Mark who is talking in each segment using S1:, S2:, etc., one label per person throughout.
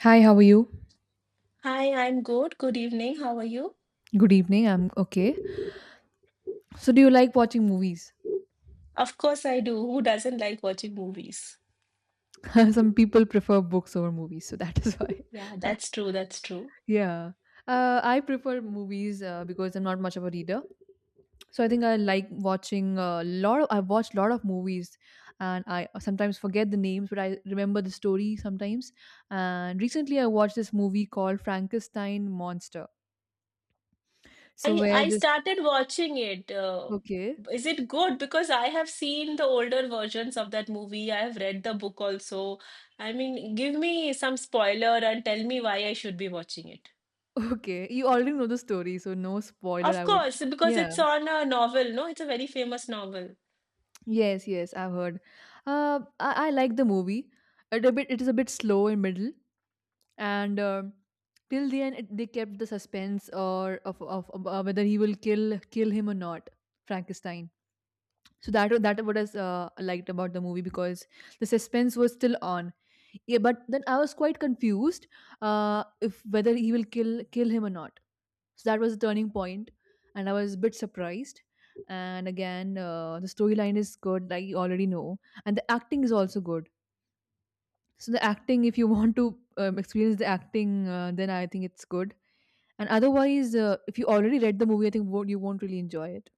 S1: Hi, how are you?
S2: Hi, I'm good. Good evening. How are you?
S1: Good evening. I'm okay. So, do you like watching movies?
S2: Of course I do. Who doesn't like watching movies?
S1: Some people prefer books over movies, so that is why.
S2: Yeah, that's true. That's true.
S1: Yeah. I prefer movies because I'm not much of a reader. So I think I like watching a lot. I've watched a lot of movies, and I sometimes forget the names, but I remember the story sometimes. And recently, I watched this movie called Frankenstein Monster. So
S2: I
S1: where
S2: I
S1: this
S2: started watching it.
S1: Okay.
S2: Is it good? Because I have seen the older versions of that movie. I have read the book also. I mean, give me some spoiler and tell me why I should be watching it.
S1: Okay, you already know the story, so no spoiler.
S2: Of
S1: I would
S2: course, because
S1: Yeah.
S2: it's on a novel, no? It's a very famous novel.
S1: Yes, yes, I've heard. I like the movie. It is a bit slow in middle, and till the end, they kept the suspense of whether he will kill him or not, Frankenstein. So that what is I liked about the movie because the suspense was still on. Yeah, but then I was quite confused, if whether he will kill him or not. So that was a turning point, and I was a bit surprised. And again, the storyline is good, like you already know, and the acting is also good. So the acting, if you want to experience the acting, then I think it's good. And otherwise, if you already read the movie, I think won't, you won't really enjoy it.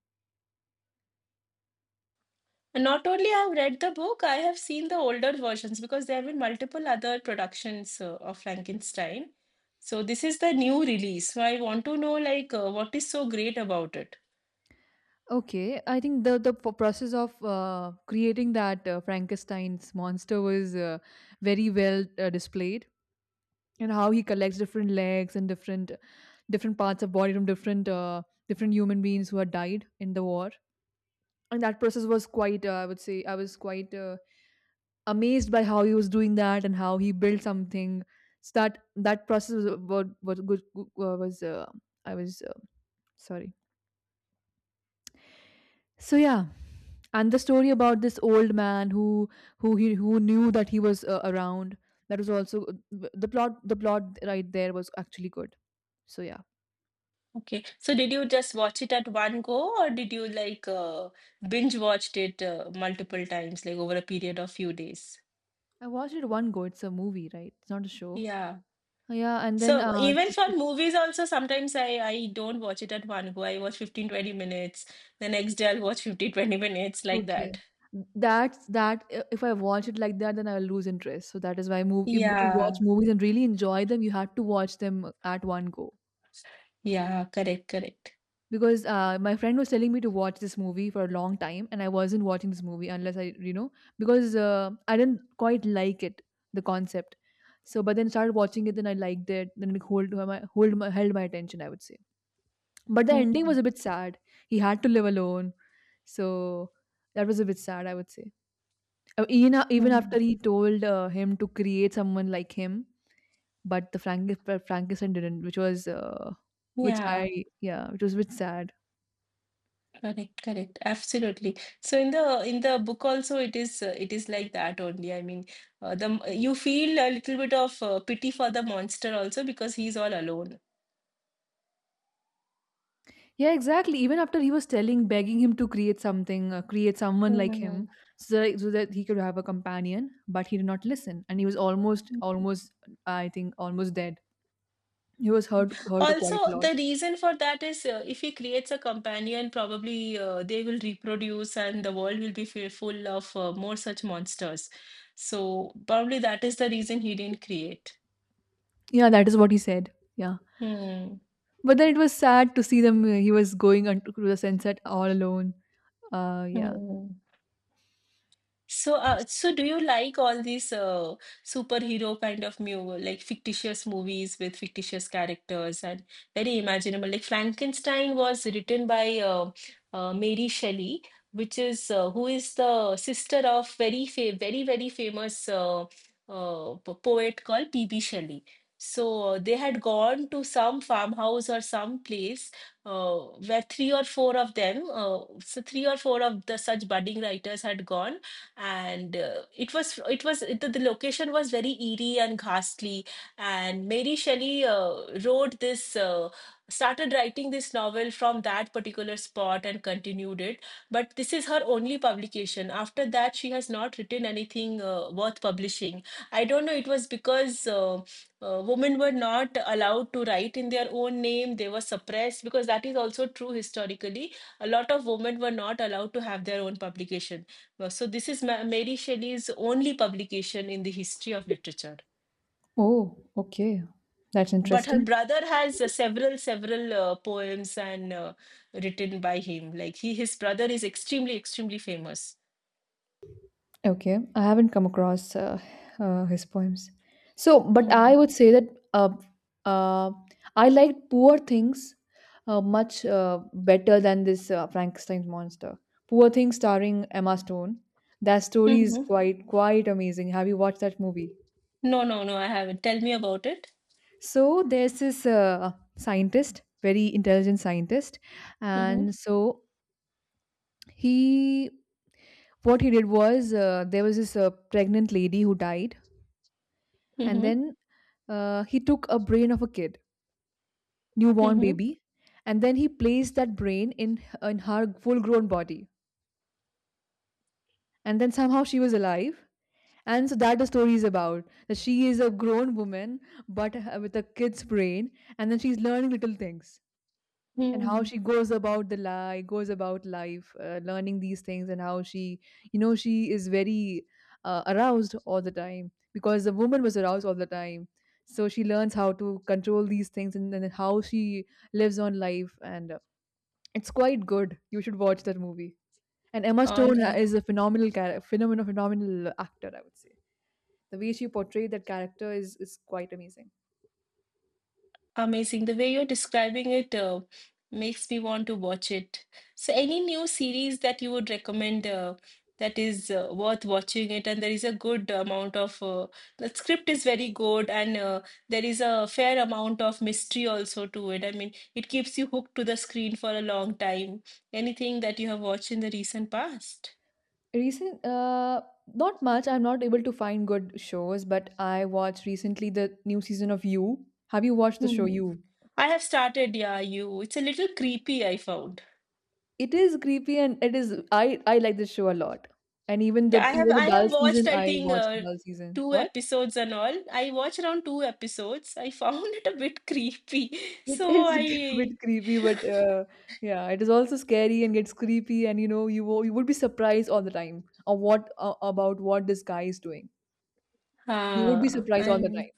S2: Not only I've read the book, I have seen the older versions because there have been multiple other productions of Frankenstein. So this is the new release. So I want to know like what is so great about it.
S1: Okay, I think the process of creating that Frankenstein's monster was very well displayed, and how he collects different legs and different parts of body from different human beings who had died in the war. And that process was quite, I would say I was quite, amazed by how he was doing that and how he built something. So that process was good, was I was sorry. So yeah. And the story about this old man, who knew that he was, around, that was also... the plot right there was actually good. So yeah.
S2: Okay. So did you just watch it at one go or did you like binge watched it multiple times like over a period of few days?
S1: I watched it one go. It's a movie, right? It's not a show.
S2: Yeah.
S1: Yeah. And then,
S2: So even for movies also sometimes I don't watch it at one go. I watch 15 to 20 minutes. The next day I'll watch 50 minutes like
S1: Okay,
S2: that.
S1: that's that. If I watch it like that, then I'll lose interest. So that is why, move if, to watch
S2: Yeah.
S1: movies and really enjoy them, you have to watch them at one go,
S2: Yeah, correct, correct.
S1: because, my friend was telling me to watch this movie for a long time, and I wasn't watching this movie unless I, because, I didn't quite like it, the concept. So, but then started watching it, then I liked it. Then it hold my held my attention, I would say. But the ending
S2: Hmm.
S1: was a bit sad. He had to live alone. So that was a bit sad, I would say. Even
S2: Hmm.
S1: after he told, him to create someone like him, but the Frankenstein didn't, which was,
S2: Yeah,
S1: yeah, which was a bit sad.
S2: correct, correct. Absolutely. So in the book also it is like that only. I mean, you feel a little bit of pity for the monster also because he's all alone.
S1: Yeah, exactly. Even after he was telling, begging him to create something, create someone like
S2: Hmm.
S1: him, so that he could have a companion, but he did not listen, and he was almost, almost, I think, almost dead. He was hurt
S2: Also,
S1: quite a lot.
S2: the reason for that is if he creates a companion, probably they will reproduce and the world will be full of more such monsters. So probably that is the reason he didn't create.
S1: Yeah, that is what he said. Yeah.
S2: Hmm.
S1: But then it was sad to see them. He was going on to the sunset all alone. Yeah.
S2: Hmm. So do you like all these superhero kind of mu like fictitious movies with fictitious characters and very imaginable? Like Frankenstein was written by Mary Shelley, which is who is the sister of very very famous poet called P.B. Shelley. So they had gone to some farmhouse or some place uh, where three or four of them, so three or four of the such budding writers had gone and it was the location was very eerie and ghastly, and Mary Shelley wrote this started writing this novel from that particular spot and continued it. But this is her only publication. After that, she has not written anything worth publishing. I don't know. It was because women were not allowed to write in their own name. They were suppressed because that is also true historically. A lot of women were not allowed to have their own publication. So this is Mary Shelley's only publication in the history of literature.
S1: Oh, okay. That's
S2: But her
S1: interesting.
S2: brother has several poems and written by him. Like his brother is extremely, extremely famous.
S1: Okay. I haven't come across, his poems. So, but
S2: Mm.
S1: I would say that, uh, uh, I liked Poor Things, much, better than this, Frankenstein's Monster. Poor Things starring Emma Stone. That story is
S2: Hmm.
S1: quite amazing. Have you watched that movie?
S2: No, no, no, I haven't. Tell me about it.
S1: So there's this, scientist, very intelligent scientist,
S2: Mm-hmm.
S1: and so, he, what he did was, there was this, pregnant lady who died, and
S2: Mm-hmm.
S1: then, he took a brain of a kid, newborn
S2: Mm-hmm.
S1: baby, and then he placed that brain in her full-grown body, and then somehow she was alive. And so that, the story is about that she is a grown woman, but, with a kid's brain, and then she's learning little things. And how
S2: Mm.
S1: she goes about life, learning these things, and how she you know she is very, aroused all the time, because the woman was aroused all the time. So she learns how to control these things, and then how she lives on life. And, it's quite good. You should watch that movie. And Emma
S2: All
S1: Stone
S2: right.
S1: is a phenomenal character, phenomenal, phenomenal actor, I would say. The way she portrayed that character is quite amazing.
S2: Amazing. The way you're describing it makes me want to watch it. So, any new series that you would recommend that is worth watching it, and there is a good amount of the script is very good, and there is a fair amount of mystery also to it. I mean, it keeps you hooked to the screen for a long time. Anything that you have watched in the recent past?
S1: Recent, not much. I'm not able to find good shows, but I watched recently the new season of You. Have you watched the show
S2: Hmm.
S1: You?
S2: I have started, yeah, you. It's a little creepy, I found.
S1: It is creepy, and it is. I like this show a lot. And even
S2: Yeah,
S1: the
S2: I have
S1: even the
S2: I
S1: dull
S2: have watched
S1: season,
S2: I
S1: I
S2: think
S1: watched the dull season.
S2: two
S1: What?
S2: episodes and all. I watched around two episodes. I found it a bit creepy.
S1: It
S2: So
S1: is a
S2: I
S1: bit creepy, but, yeah, it is also scary and gets creepy, and you would be surprised all the time of what about what this guy is doing. You would be
S2: ah
S1: surprised all the
S2: I'm
S1: time.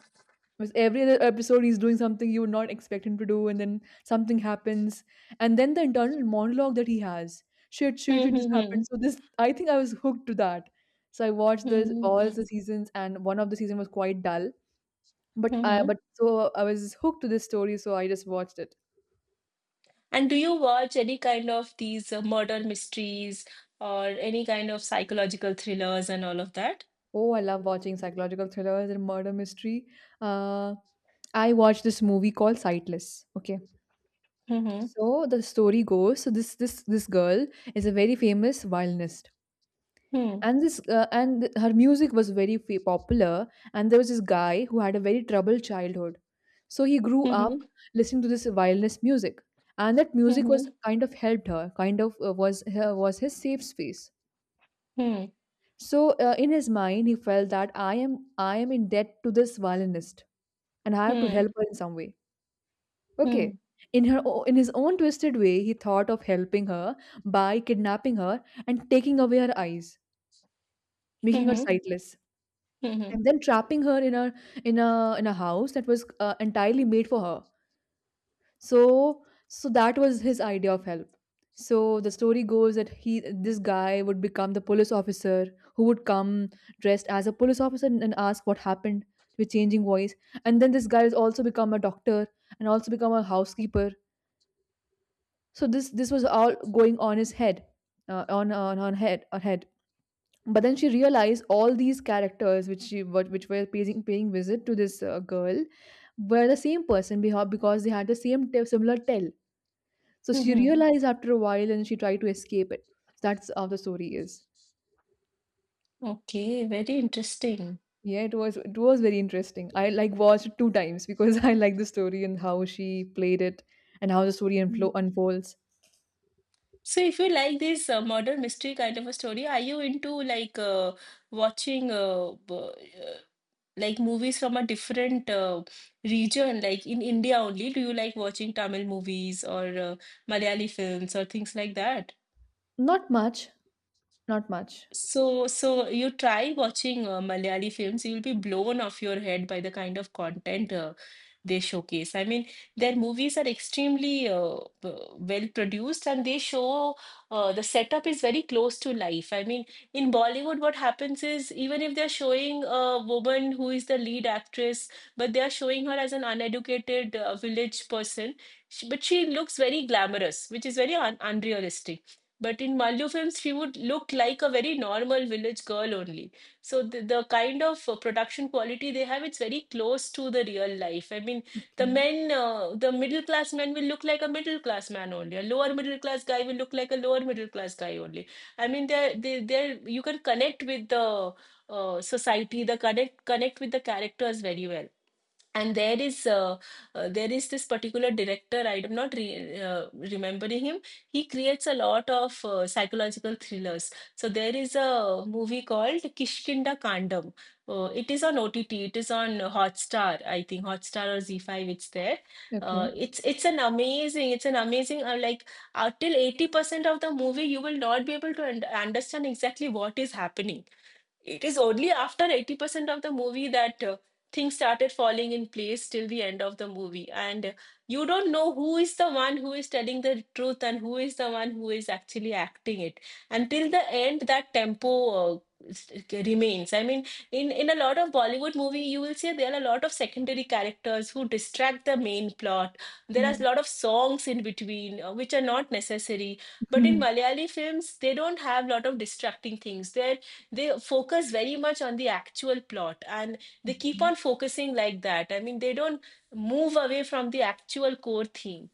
S1: Because every other episode, he's doing something you would not expect him to do, and then something happens, and then the internal monologue that he has. Shit, shit, shit, just happened.
S2: Mm-hmm.
S1: So this, I think I was hooked to that. So I watched this all the seasons, and one of the season was quite dull,
S2: Mm-hmm.
S1: but so I was hooked to this story, so I just watched it.
S2: And do you watch any kind of these murder mysteries or any kind of psychological thrillers and all of that?
S1: Oh, I love watching psychological thrillers and murder mystery. Uh, I watched this movie called Sightless. Okay.
S2: Mm-hmm.
S1: So the story goes, so this girl is a very famous violinist,
S2: Hmm.
S1: and her music was very popular. And there was this guy who had a very troubled childhood, so he grew up
S2: Hmm.
S1: listening to this violence music, and that
S2: Hmm.
S1: music was
S2: Hmm.
S1: kind of helped her, kind of, was his safe space.
S2: Mm-hmm.
S1: So, in his mind, he felt that I am in debt to this violinist, and I have to
S2: Hmm.
S1: help her in some way.
S2: Hmm.
S1: Okay.
S2: Hmm.
S1: In his own twisted way, he thought of helping her, by kidnapping her and taking away her eyes, making her
S2: Hmm.
S1: sightless,
S2: Hmm, hmm,
S1: and then trapping her in a in a house that was, entirely made for her. So, so that was his idea of help. So the story goes that he this guy would become the police officer, who would come dressed as a police officer, and ask what happened, with changing voice. And then this guy has also become a doctor, and also become a housekeeper. So this was all going on his head, on head but then she realized all these characters, which she what which were paying visit to this, girl, were the same person, because they had the same, similar tell. So
S2: hmm,
S1: she
S2: hmm.
S1: realized after a while, and she tried to escape it. So that's how the story is.
S2: Okay, very interesting.
S1: Yeah, it was very interesting. I, like, watched it two times, because I like the story, and how she played it, and how the story
S2: Hmm.
S1: unfolds.
S2: So if you like this murder mystery kind of a story, are you into like watching uh, like movies from a different region, like in India only? Do you like watching Tamil movies or Malayali films or things like that?
S1: Not much. Not much.
S2: So you try watching Malayali films, you'll be blown off your head by the kind of content they showcase. I mean, their movies are extremely well produced and they show the setup is very close to life. I mean, in Bollywood, what happens is even if they're showing a woman who is the lead actress, but they are showing her as an uneducated village person, but she looks very glamorous, which is very un unrealistic. But in Malayalam films, she would look like a very normal village girl only. So the kind of production quality they have, it's very close to the real life. I mean,
S1: Okay.
S2: the middle class man will look like a middle class man only. A lower middle class guy will look like a lower middle class guy only. I mean, you can connect with the society, the connect connect with the characters very well. And there is this particular director. I'm not re- remembering him. He creates a lot of psychological thrillers. So there is a movie called Kishkinda Kandam. It is on OTT. It is on Hotstar, I think. Hotstar or Z5, it's there.
S1: Okay.
S2: It's an amazing, till 80% of the movie you will not be able to understand exactly what is happening. It is only after 80% of the movie that things started falling in place till the end of the movie. And you don't know who is the one who is telling the truth and who is the one who is actually acting it. Until the end, that tempo remains. I mean, in a lot of Bollywood movie, you will see there are a lot of secondary characters who distract the main plot. There are
S1: Yeah.
S2: a lot of songs in between, which are not necessary. But in Malayali films, they don't have a lot of distracting things. There they focus very much on the actual plot and they keep on
S1: Okay.
S2: focusing like that. I mean, they don't move away from the actual core theme.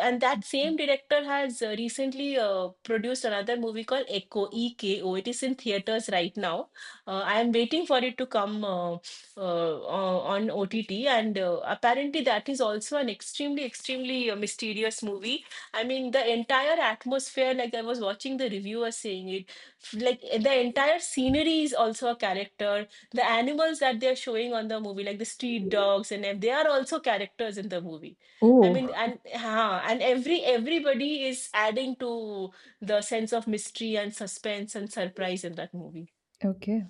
S2: And that same director has recently produced another movie called Echo, EKO. It is in theaters right now. I am waiting for it to come on OTT, and apparently that is also an extremely, extremely mysterious movie. I mean, the entire atmosphere, like I was watching the reviewer saying it, like the entire scenery is also a character. The animals that they're showing on the movie, like the street dogs and they are also characters in the movie. I mean,
S1: Oh,
S2: and everybody is adding to the sense of mystery and suspense and surprise in that movie.
S1: okay.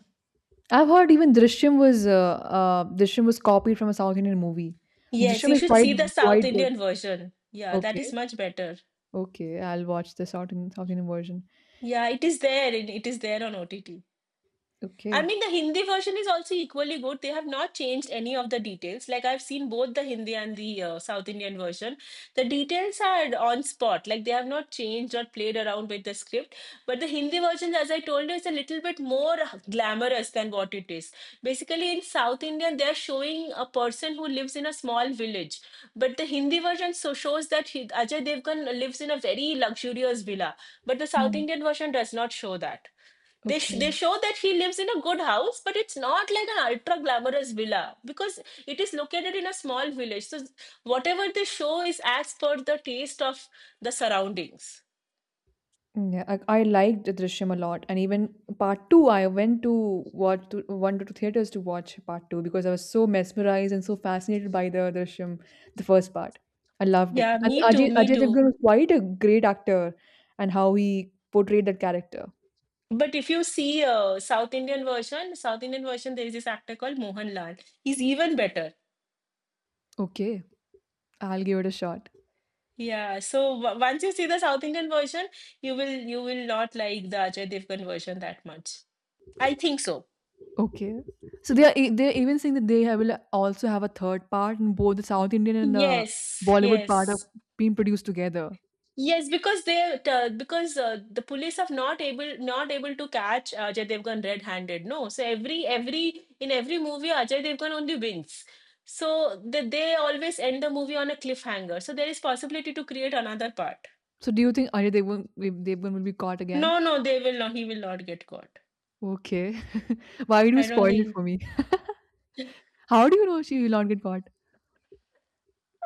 S1: I've heard even Drishyam was copied from a South Indian movie.
S2: Yes,
S1: Drishyam
S2: you
S1: is
S2: should
S1: quite
S2: see the South
S1: quite good.
S2: Indian version. Yeah, that is
S1: Okay,
S2: much better.
S1: okay, I'll watch the South Indian version.
S2: Yeah, it is there, and it is there on OTT. I
S1: Okay,
S2: mean, the Hindi version is also equally good. They have not changed any of the details. Like I've seen both the Hindi and the South Indian version. The details are on spot. Like they have not changed or played around with the script. But the Hindi version, as I told you, is a little bit more glamorous than what it is. Basically, in South Indian, they're showing a person who lives in a small village. But the Hindi version so shows that Ajay Devgan lives in a very luxurious villa. But the
S1: yeah,
S2: South Indian version does not show that. They
S1: okay.
S2: show that he lives in a good house, but it's not like an ultra glamorous villa because it is located in a small village. So whatever they show is as per the taste of the surroundings.
S1: Mm, yeah. I liked Drishyam a lot, and even part two, I went to two theaters to watch part two, because I was so mesmerized and so fascinated by the Drishyam, the first part. I loved it,
S2: Yeah,
S1: and
S2: me too,
S1: Ajay
S2: me
S1: Ajay
S2: too.
S1: Devgn was quite a great actor, and how he portrayed that character.
S2: But if you see a South Indian version, there is this actor called Mohanlal. He's even better.
S1: Okay, I'll give it a shot.
S2: Yeah. So w once you see the South Indian version, you will not like the Ajay Devgan version that much. I think so.
S1: Okay. So they're even saying that will also have a third part, and both the South Indian and the
S2: Yes,
S1: Bollywood part
S2: yes.
S1: are being produced together.
S2: Yes, because they because the police have not able to catch Ajay Devgan red-handed. No, so every movie Ajay Devgan only wins. So they always end the movie on a cliffhanger. So there is possibility to create another part.
S1: So do you think Ajay Devgn will be caught again?
S2: No, no, they will not. He will not get caught.
S1: Okay. Why do you
S2: I don't
S1: spoil it
S2: think.
S1: for me? How do you know she will not get caught?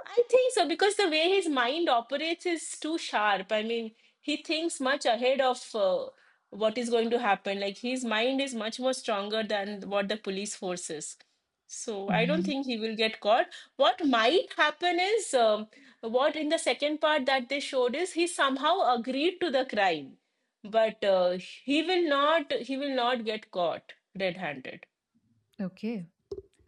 S2: I think so because the way his mind operates is too sharp. I mean, he thinks much ahead of what is going to happen. Like his mind is much more stronger than what the police force is. So I
S1: Yeah.
S2: don't think he will get caught. What might happen is what in the second part that they showed is he somehow agreed to the crime, but he will not. He will not get caught red-handed.
S1: Okay.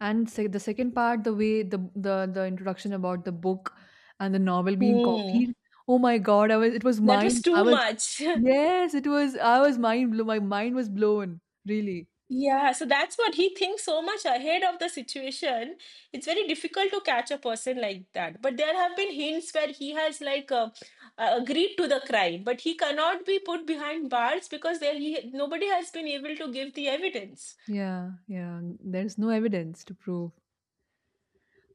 S1: And the second part, the way the introduction about the book and the novel being
S2: Hmm.
S1: copied. Oh my God, I was it was
S2: That was
S1: mind I
S2: too
S1: was
S2: much.
S1: yes, it was I was mind blown. My mind was blown, really.
S2: Yeah, so that's what he thinks so much ahead of the situation. It's very difficult to catch a person like that. But there have been hints where he has like agreed to the crime, but he cannot be put behind bars because there he nobody has been able to give the evidence.
S1: Yeah, yeah. There's no evidence to prove.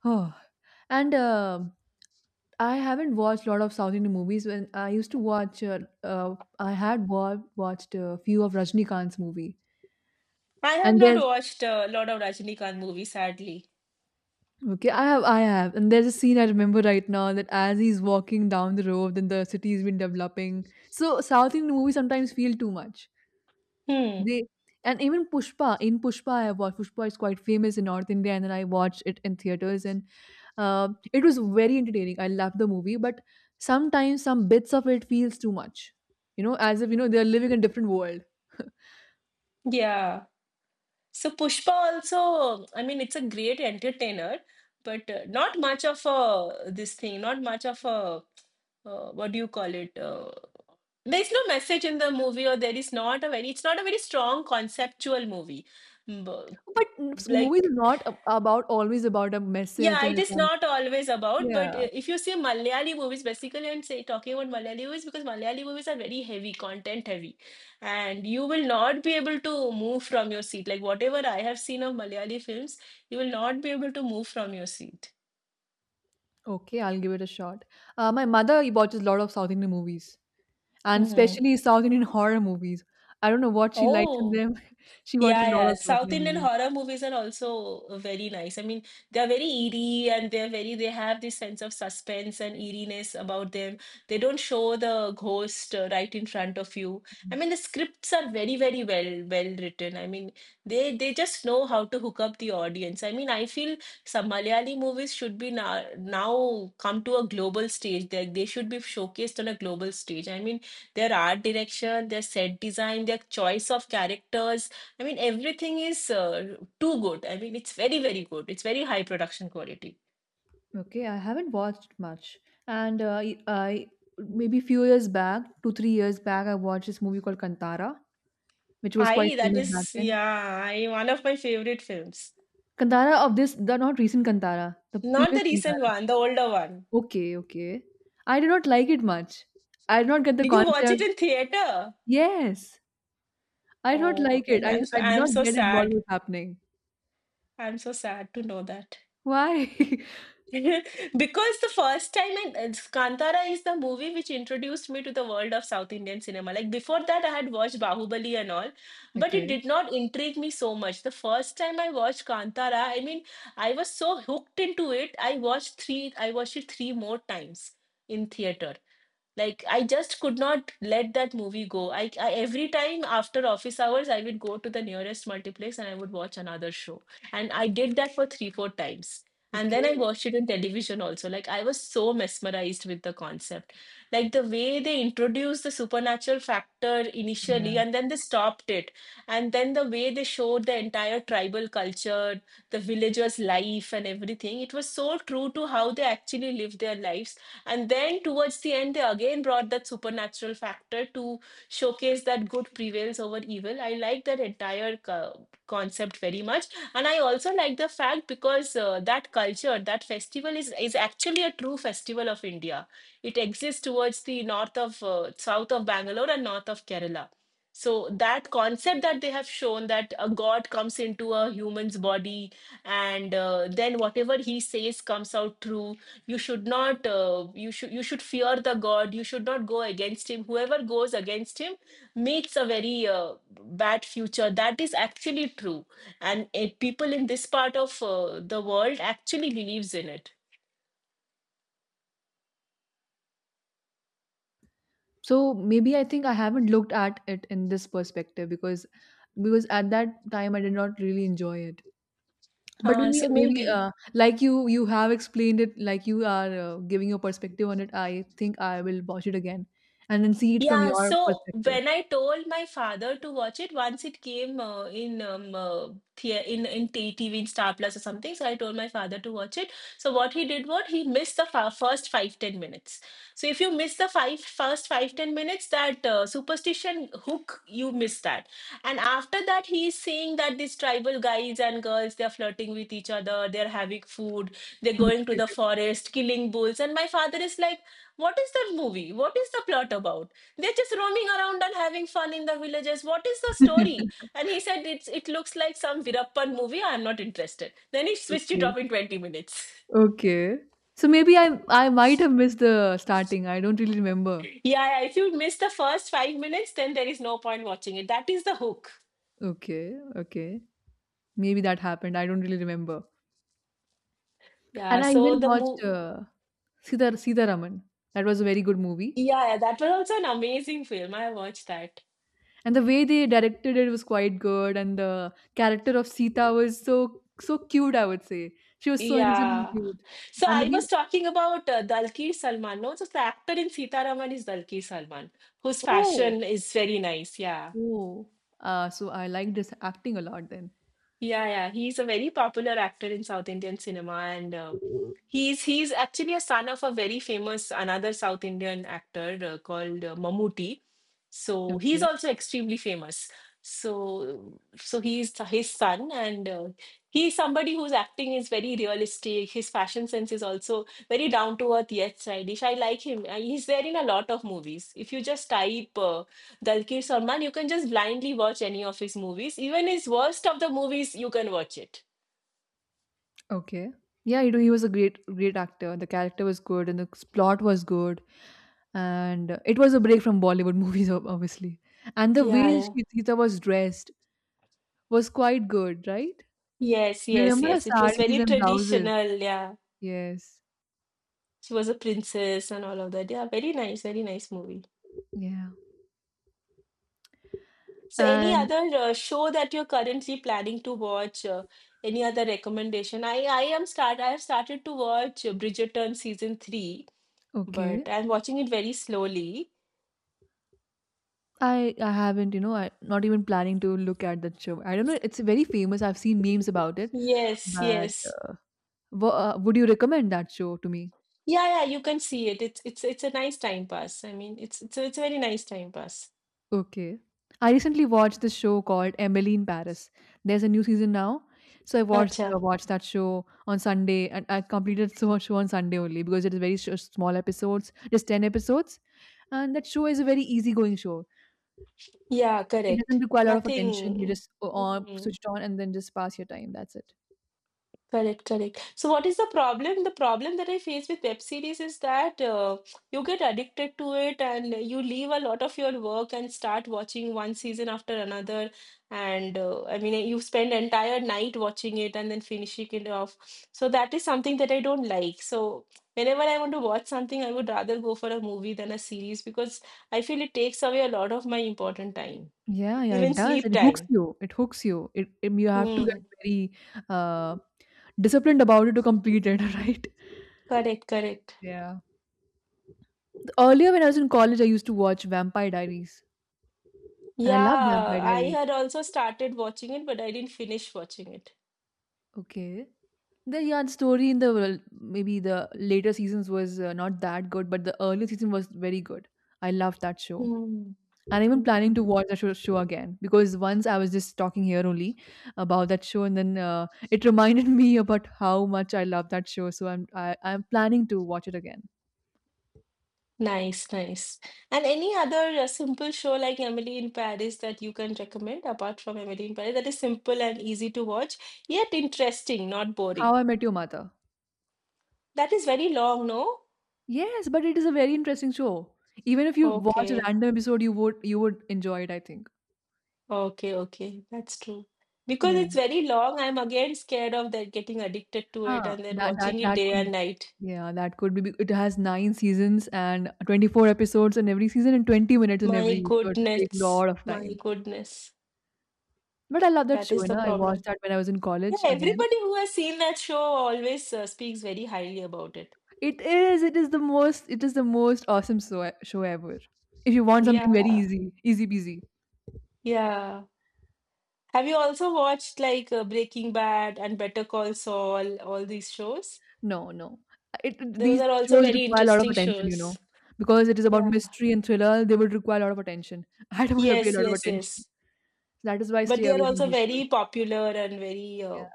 S1: Oh, and, I haven't watched a lot of South Indian movies. When I used to watch, I had watched a few of Rajnikant's movie,
S2: I have
S1: and
S2: not
S1: there's
S2: watched a lot of Rajinikanth movies, sadly.
S1: okay, I have, and there's a scene I remember right now that as he's walking down the road, then the city's been developing. So South Indian movies sometimes feel too much.
S2: Hmm.
S1: They and even Pushpa in Pushpa, I watched Pushpa is quite famous in North India, and then I watched it in theaters, and it was very entertaining. I loved the movie, but sometimes some bits of it feels too much. You know, as if they're living in a different world.
S2: Yeah. So Pushpa also, I mean, it's a great entertainer, but not much of a this thing, not much of a what do you call it? There is no message in the movie, or there is not a very. It's not a very strong conceptual movie. Mm, but,
S1: But movies
S2: like
S1: are not ab- about always about a message
S2: yeah,
S1: and
S2: it
S1: a
S2: is
S1: con-
S2: not always about, but
S1: yeah
S2: if you see Malayali movies, basically, and say talking about Malayali movies, because Malayali movies are very heavy, content heavy, and you will not be able to move from your seat. Like whatever I have seen of Malayali films, you will not be able to move from your seat.
S1: Okay, I'll give it a shot. My mother watches a lot of South Indian movies, and
S2: Hmm.
S1: especially South Indian horror movies. I don't know what she likes in
S2: Oh.
S1: them. She watches
S2: Yeah,
S1: a lot
S2: yeah.
S1: of South
S2: South
S1: Indian
S2: Indian
S1: movies.
S2: horror movies are also very nice. I mean, they are very eerie and they're very, they have this sense of suspense and eeriness about them. They don't show the ghost right in front of you. I mean, the scripts are very, very well written. I mean, they just know how to hook up the audience. I mean, I feel some Malayali movies should be now come to a global stage. They should be showcased on a global stage. I mean, their art direction, their set design, their choice of characters, I mean, everything is too good. I mean, it's very, very good. It's very high production quality.
S1: Okay, I haven't watched much, and maybe few years back, 2 3 years back, I watched this movie called Kantara, which was quite
S2: I, that
S1: famous back
S2: is,
S1: then.
S2: yeah, I, one of my favorite films.
S1: Kantara of this, the not recent Kantara, the
S2: Not the
S1: previous
S2: recent
S1: Kantara.
S2: one, the older one.
S1: Okay, okay. I did not like it much. I did not get the
S2: Did you watch it
S1: concept.
S2: in theater?
S1: Yes, I don't
S2: Oh,
S1: like it.
S2: then
S1: I I did
S2: I'm
S1: not
S2: so
S1: get it what
S2: sad.
S1: was happening.
S2: I'm so sad to know that.
S1: Why?
S2: Because the first time Kantara is the movie which introduced me to the world of South Indian cinema. Like before that, I had watched Bahubali and all, but it
S1: Okay.
S2: did not intrigue me so much. The first time I watched Kantara, I mean, I was so hooked into it. I watched it three more times in theater. Like I just could not let that movie go. I every time after office hours, I would go to the nearest multiplex and I would watch another show. And I did that for three, four times. And then I
S1: Okay.
S2: watched it on television also. Like I was so mesmerized with the concept. Like the way they introduced the supernatural factor initially
S1: Yeah.
S2: and then they stopped it. And then the way they showed the entire tribal culture, the villagers' life and everything, it was so true to how they actually live their lives, and then towards the end, they again brought that supernatural factor to showcase that good prevails over evil. I like that entire concept very much. And I also like the fact because that culture, that festival is actually a true festival of India. It exists towards the south of Bangalore and north of Kerala. So that concept that they have shown, that a god comes into a human's body and then whatever he says comes out true. You should not you should you should fear the god. You should not go against him. Whoever goes against him meets a very bad future. That is actually true, and people in this part of the world actually believes in it.
S1: So maybe I think I haven't looked at it in this perspective because at that time I did not really enjoy it. But
S2: uh,
S1: maybe
S2: so
S1: maybe
S2: maybe
S1: like you have explained it like you are giving your perspective on it. I think I will watch it again and then see it from
S2: Yeah,
S1: your
S2: so
S1: perspective.
S2: when I told my father to watch it, once it came in TV in Star Plus or something, so I told my father to watch it. So what he did was he missed the fa first five, ten minutes. So if you miss the five first five, ten minutes, that superstition hook, you miss that. And after that, he is saying that these tribal guys and girls, they are flirting with each other, they're having food, they're going to the
S1: Okay.
S2: forest, killing bulls, and my father is like, what is that movie? What is the plot about? They're just roaming around and having fun in the villages. What is the story? And he said it's, it looks like some Virappan movie, I'm not interested. Then he switched it off
S1: Okay.
S2: in 20 minutes.
S1: Okay. So maybe I might have missed the starting. I don't really remember.
S2: Yeah, yeah, if you miss the first 5 minutes, then there is no point watching it. That is the hook.
S1: Okay, okay. Maybe that happened. I don't really remember.
S2: yeah
S1: And I
S2: so
S1: even
S2: the
S1: watched
S2: mo-
S1: Sita Sitaraman. That was a very good movie.
S2: yeah, yeah, that was also an amazing film. I watched that.
S1: And the way they directed it was quite good. And the character of Sita was so so cute. I would say she was so innocent and
S2: Yeah,
S1: cute.
S2: so
S1: And the
S2: I was
S1: way
S2: talking about Dalkir Salman, no? So the actor in Sita Raman is Dalkir Salman, whose
S1: oh
S2: fashion is very nice. Yeah.
S1: oh. So I liked his acting a lot then.
S2: Yeah, yeah, he's a very popular actor in South Indian cinema, and he's actually a son of a very famous another South Indian actor called Mammootty. So he's
S1: Okay.
S2: also extremely famous. So so he's his son, and he's somebody whose acting is very realistic. His fashion sense is also very down to earth, yet stylish. I like him. He's there in a lot of movies. If you just type Dalkir Salman, you can just blindly watch any of his movies. Even his worst of the movies, you can watch it.
S1: Okay. Yeah, you know, he was a great, great actor. The character was good and the plot was good. And it was a break from Bollywood movies, obviously. And the
S2: Yeah,
S1: way
S2: yeah.
S1: Sita was dressed was quite good, right?
S2: Yes,
S1: Do you
S2: yes,
S1: remember her
S2: yes. It was
S1: saris
S2: very
S1: and blouses?
S2: traditional. Yeah.
S1: Yes.
S2: She was a princess and all of that. Yeah, very nice movie.
S1: Yeah.
S2: So, any
S1: And
S2: other show that you're currently planning to watch? Any other recommendation? I am start. I have started to watch Bridgerton season three, but
S1: okay,
S2: I'm watching it very slowly.
S1: I haven't, you know, I not even planning to look at that show. I don't know. It's very famous. I've seen memes about it,
S2: Yes,
S1: but
S2: yes.
S1: would you recommend that show to me?
S2: Yeah, yeah, you can see it. It's a nice time pass. I mean, it's a very nice time pass.
S1: Okay. I recently watched this show called Emily in Paris. There's a new season now. So I watched
S2: Acha.
S1: watched that show on Sunday and I completed so much show on Sunday only because it is very small episodes, just 10 episodes. And that show is a very easygoing show.
S2: Yeah,
S1: It doesn't
S2: correct.
S1: require a lot of attention. You
S2: Nothing.
S1: just
S2: Mm,
S1: switch it on and then just pass your time. That's it.
S2: correct, correct. So, what is the problem? The problem that I face with web series is that you get addicted to it and you leave a lot of your work and start watching one season after another. And I mean, you spend entire night watching it and then finishing it off. So, that is something that I don't like. So, whenever I want to watch something, I would rather go for a movie than a series because I feel it takes away a lot of my important time,
S1: Yeah, yeah,
S2: even
S1: it does.
S2: sleep
S1: It hooks
S2: time.
S1: you. It hooks you. It you have to get
S2: Hmm.
S1: very uh, disciplined about it to complete it, right?
S2: Correct, correct.
S1: Yeah. Earlier, when I was in college, I used to watch Vampire Diaries, and I loved
S2: Yeah,
S1: Vampire
S2: I
S1: Diaries.
S2: had also started watching it, but I didn't finish watching it.
S1: Okay. The story in the well, maybe the later seasons was not that good, but the early season was very good. I loved that show.
S2: Hmm.
S1: And even planning to
S2: Hmm.
S1: watch that show again because once I was just talking here only about that show, and then it reminded me about how much I love that show. So I'm planning to watch it again.
S2: Nice, nice. And any other simple show like Emily in Paris that you can recommend, apart from Emily in Paris, that is simple and easy to watch, yet interesting, not
S1: How
S2: boring.
S1: I Met Your Mother.
S2: That is very long, no?
S1: Yes, but it is a very interesting show. Even if you watch a
S2: Okay,
S1: random episode, you would enjoy it. I think.
S2: okay, okay. That's true. Because
S1: Yeah.
S2: it's very long, I'm again scared of that, getting addicted to it
S1: Huh.
S2: and then
S1: That that
S2: watching it
S1: that
S2: day
S1: could.
S2: and night.
S1: Yeah, that could be. It has nine seasons and 24 episodes in every season and 20 minutes in
S2: My
S1: every. So it will take a
S2: goodness,
S1: lot of
S2: my
S1: time.
S2: goodness.
S1: But I love that
S2: That
S1: show,
S2: is
S1: you
S2: the
S1: know. I
S2: problem.
S1: watched that when I was in
S2: Yeah,
S1: college again.
S2: everybody who has seen that show always speaks very highly about it.
S1: It is the most awesome show ever. If you want something very
S2: Yeah,
S1: easy, easy peasy.
S2: yeah. Have you also watched like Breaking Bad and Better Call Saul, all these shows?
S1: No, no.
S2: Those
S1: These
S2: are also
S1: shows
S2: very
S1: require a lot of
S2: interesting
S1: attention, you
S2: shows.
S1: know, because it is about
S2: Yeah.
S1: mystery and thriller. They would require a lot of attention. I don't want to pay a
S2: Yes,
S1: lot of
S2: yes,
S1: attention.
S2: yes.
S1: That is why I
S2: But
S1: stay
S2: they are
S1: away from
S2: also
S1: these shows.
S2: very popular and very
S1: Yeah.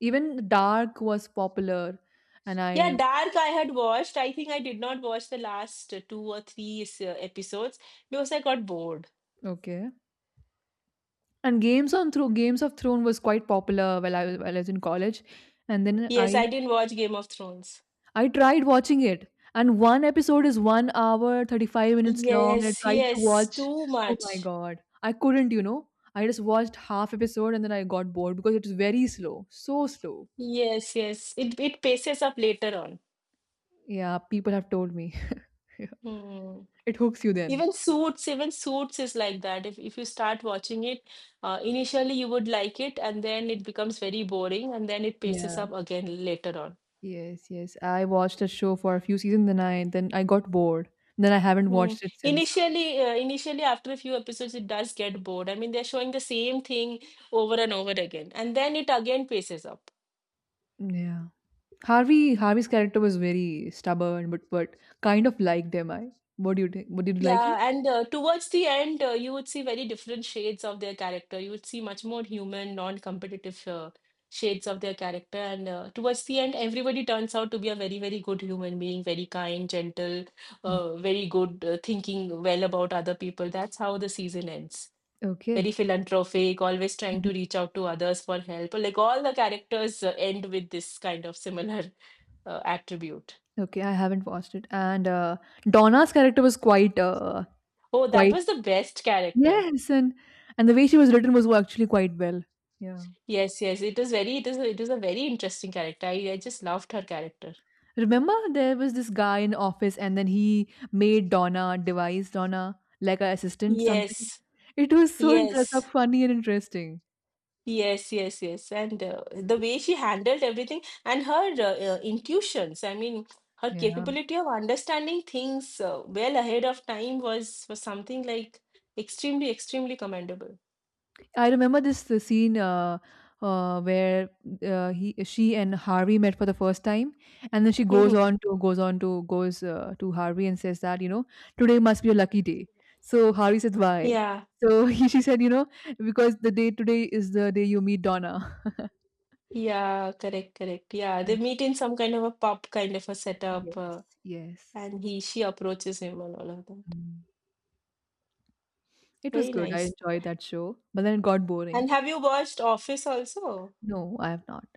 S1: Even Dark was popular, and
S2: Yeah,
S1: I
S2: Dark I had watched. I think I did not watch the last two or three episodes because I got bored.
S1: okay. And Games on Throne, Games of Throne was quite popular while I was in college, and then
S2: Yes,
S1: I
S2: I didn't watch Game of Thrones.
S1: I tried watching it, and one episode is 1 hour 35 minutes long, and I
S2: Yes,
S1: tried to
S2: yes,
S1: watch.
S2: too
S1: Oh my
S2: much.
S1: god. I couldn't, you know. I just watched half episode and then I got bored because it is very slow. So slow.
S2: Yes, yes. It paces up later on.
S1: Yeah, people have told me.
S2: Hmm.
S1: It hooks you then.
S2: Even Suits is like that. If you start watching it, initially you would like it, and then it becomes very boring, and then it paces
S1: Yeah.
S2: up again later on.
S1: Yes, yes. I watched a show for a few seasons then I got bored. Then I haven't
S2: Hmm.
S1: watched it since.
S2: Initially, initially after a few episodes, it does get bored. I mean, they're showing the same thing over and over again, and then it again paces up.
S1: Yeah. Harvey Harvey's character was very stubborn but kind of liked him I. What do you think? What did you like him?
S2: Yeah, and towards the end, you would see very different shades of their character. You would see much more human, non-competitive shades of their character. And towards the end, everybody turns out to be a very, very good human being, very kind, gentle,
S1: Mm.
S2: very good, thinking well about other people. That's how the season ends.
S1: Okay.
S2: Very philanthropic, always trying to reach out to others for help. Like all the characters end with this kind of similar attribute.
S1: Okay, I haven't watched it. And Donna's character was quite,
S2: Oh, that
S1: quite
S2: was the best character.
S1: yes, and the way she was written was actually quite well. Yeah.
S2: Yes, yes, it is very, it is a very interesting character. I just loved her character.
S1: Remember, there was this guy in office, and then he made Donna devised Donna like an assistant something.
S2: Yes,
S1: It was so interest,
S2: yes,
S1: funny and interesting.
S2: yes, and the way she handled everything and her intuitions. I mean, her
S1: Yeah.
S2: capability of understanding things well ahead of time was something like extremely, extremely commendable.
S1: I remember this scene where he, she and Harvey met for the first time, and then she goes
S2: Hmm.
S1: on to goes on to goes to Harvey and says that you know today must be a lucky day. So Harvey says why?
S2: Yeah,
S1: So she said you know because the day today is the day you meet Donna.
S2: yeah, correct, correct. Yeah, they meet in some kind of a pub kind of a
S1: Yeah.
S2: setup,
S1: Yes, yes.
S2: and he she approaches him and all of that.
S1: Mm. It was
S2: Very
S1: good. I
S2: nice.
S1: enjoyed that show, but then it got boring.
S2: And have you watched Office also?
S1: No, I have not.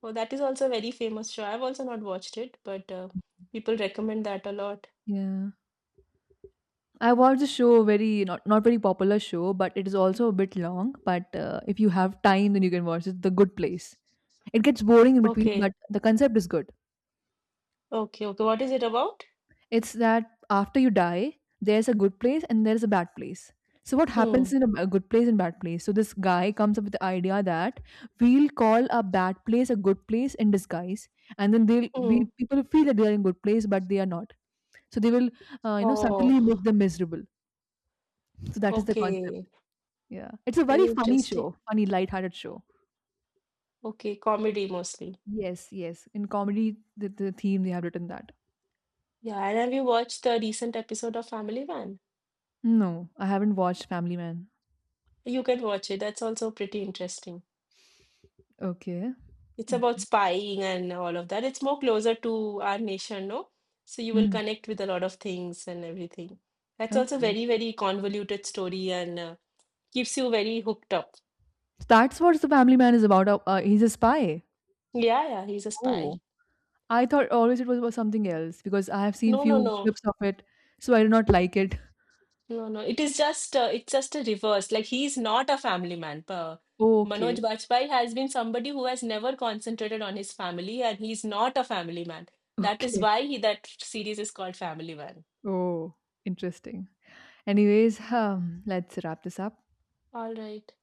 S2: Oh, that is also a very famous show. I've also not watched it, but people recommend that a lot.
S1: Yeah. I watched the show, very not very popular show, but it is also a bit long. But if you have time, then you can watch it. The Good Place. It gets boring in between,
S2: Okay,
S1: but the concept is good.
S2: okay, okay. What is it about?
S1: It's that after you die, there's a good place and there's a bad place. So what
S2: Hmm.
S1: happens in a, a good place and bad place? So this guy comes up with the idea that we'll call a bad place a good place in disguise, and then they'll
S2: Hmm.
S1: we people feel that they are in good place, but they are not. So they will, you know,
S2: Oh,
S1: subtly make them miserable. So that is the concept.
S2: okay.
S1: Yeah. It's a
S2: Very
S1: very funny
S2: interesting.
S1: show, funny, light-hearted show.
S2: Okay, comedy mostly.
S1: Yes, yes. In comedy, the theme they have written that.
S2: Yeah, and have you watched the recent episode of Family Man?
S1: No, I haven't watched Family Man.
S2: You can watch it. That's also pretty interesting.
S1: Okay.
S2: It's about
S1: Okay.
S2: spying and all of that. It's more closer to our nation, no? So you will
S1: Hmm.
S2: connect with a lot of things and everything. That's also
S1: Okay.
S2: very, very convoluted story, and keeps you very hooked up.
S1: So that's what the Family Man is about. He's a spy.
S2: Yeah, yeah, he's a spy.
S1: Oh. I thought always it was about something else because I have seen
S2: No, no,
S1: few
S2: no,
S1: clips of it, so I do not like it.
S2: no, no. It is just, it's just a reverse. Like he's not a family man. Manoj
S1: Okay.
S2: Bajpayee has been somebody who has never concentrated on his family, and he's not a family man. That is
S1: Okay.
S2: why he, that series is called Family Man.
S1: Oh, interesting. Anyways, let's wrap this up.
S2: All right.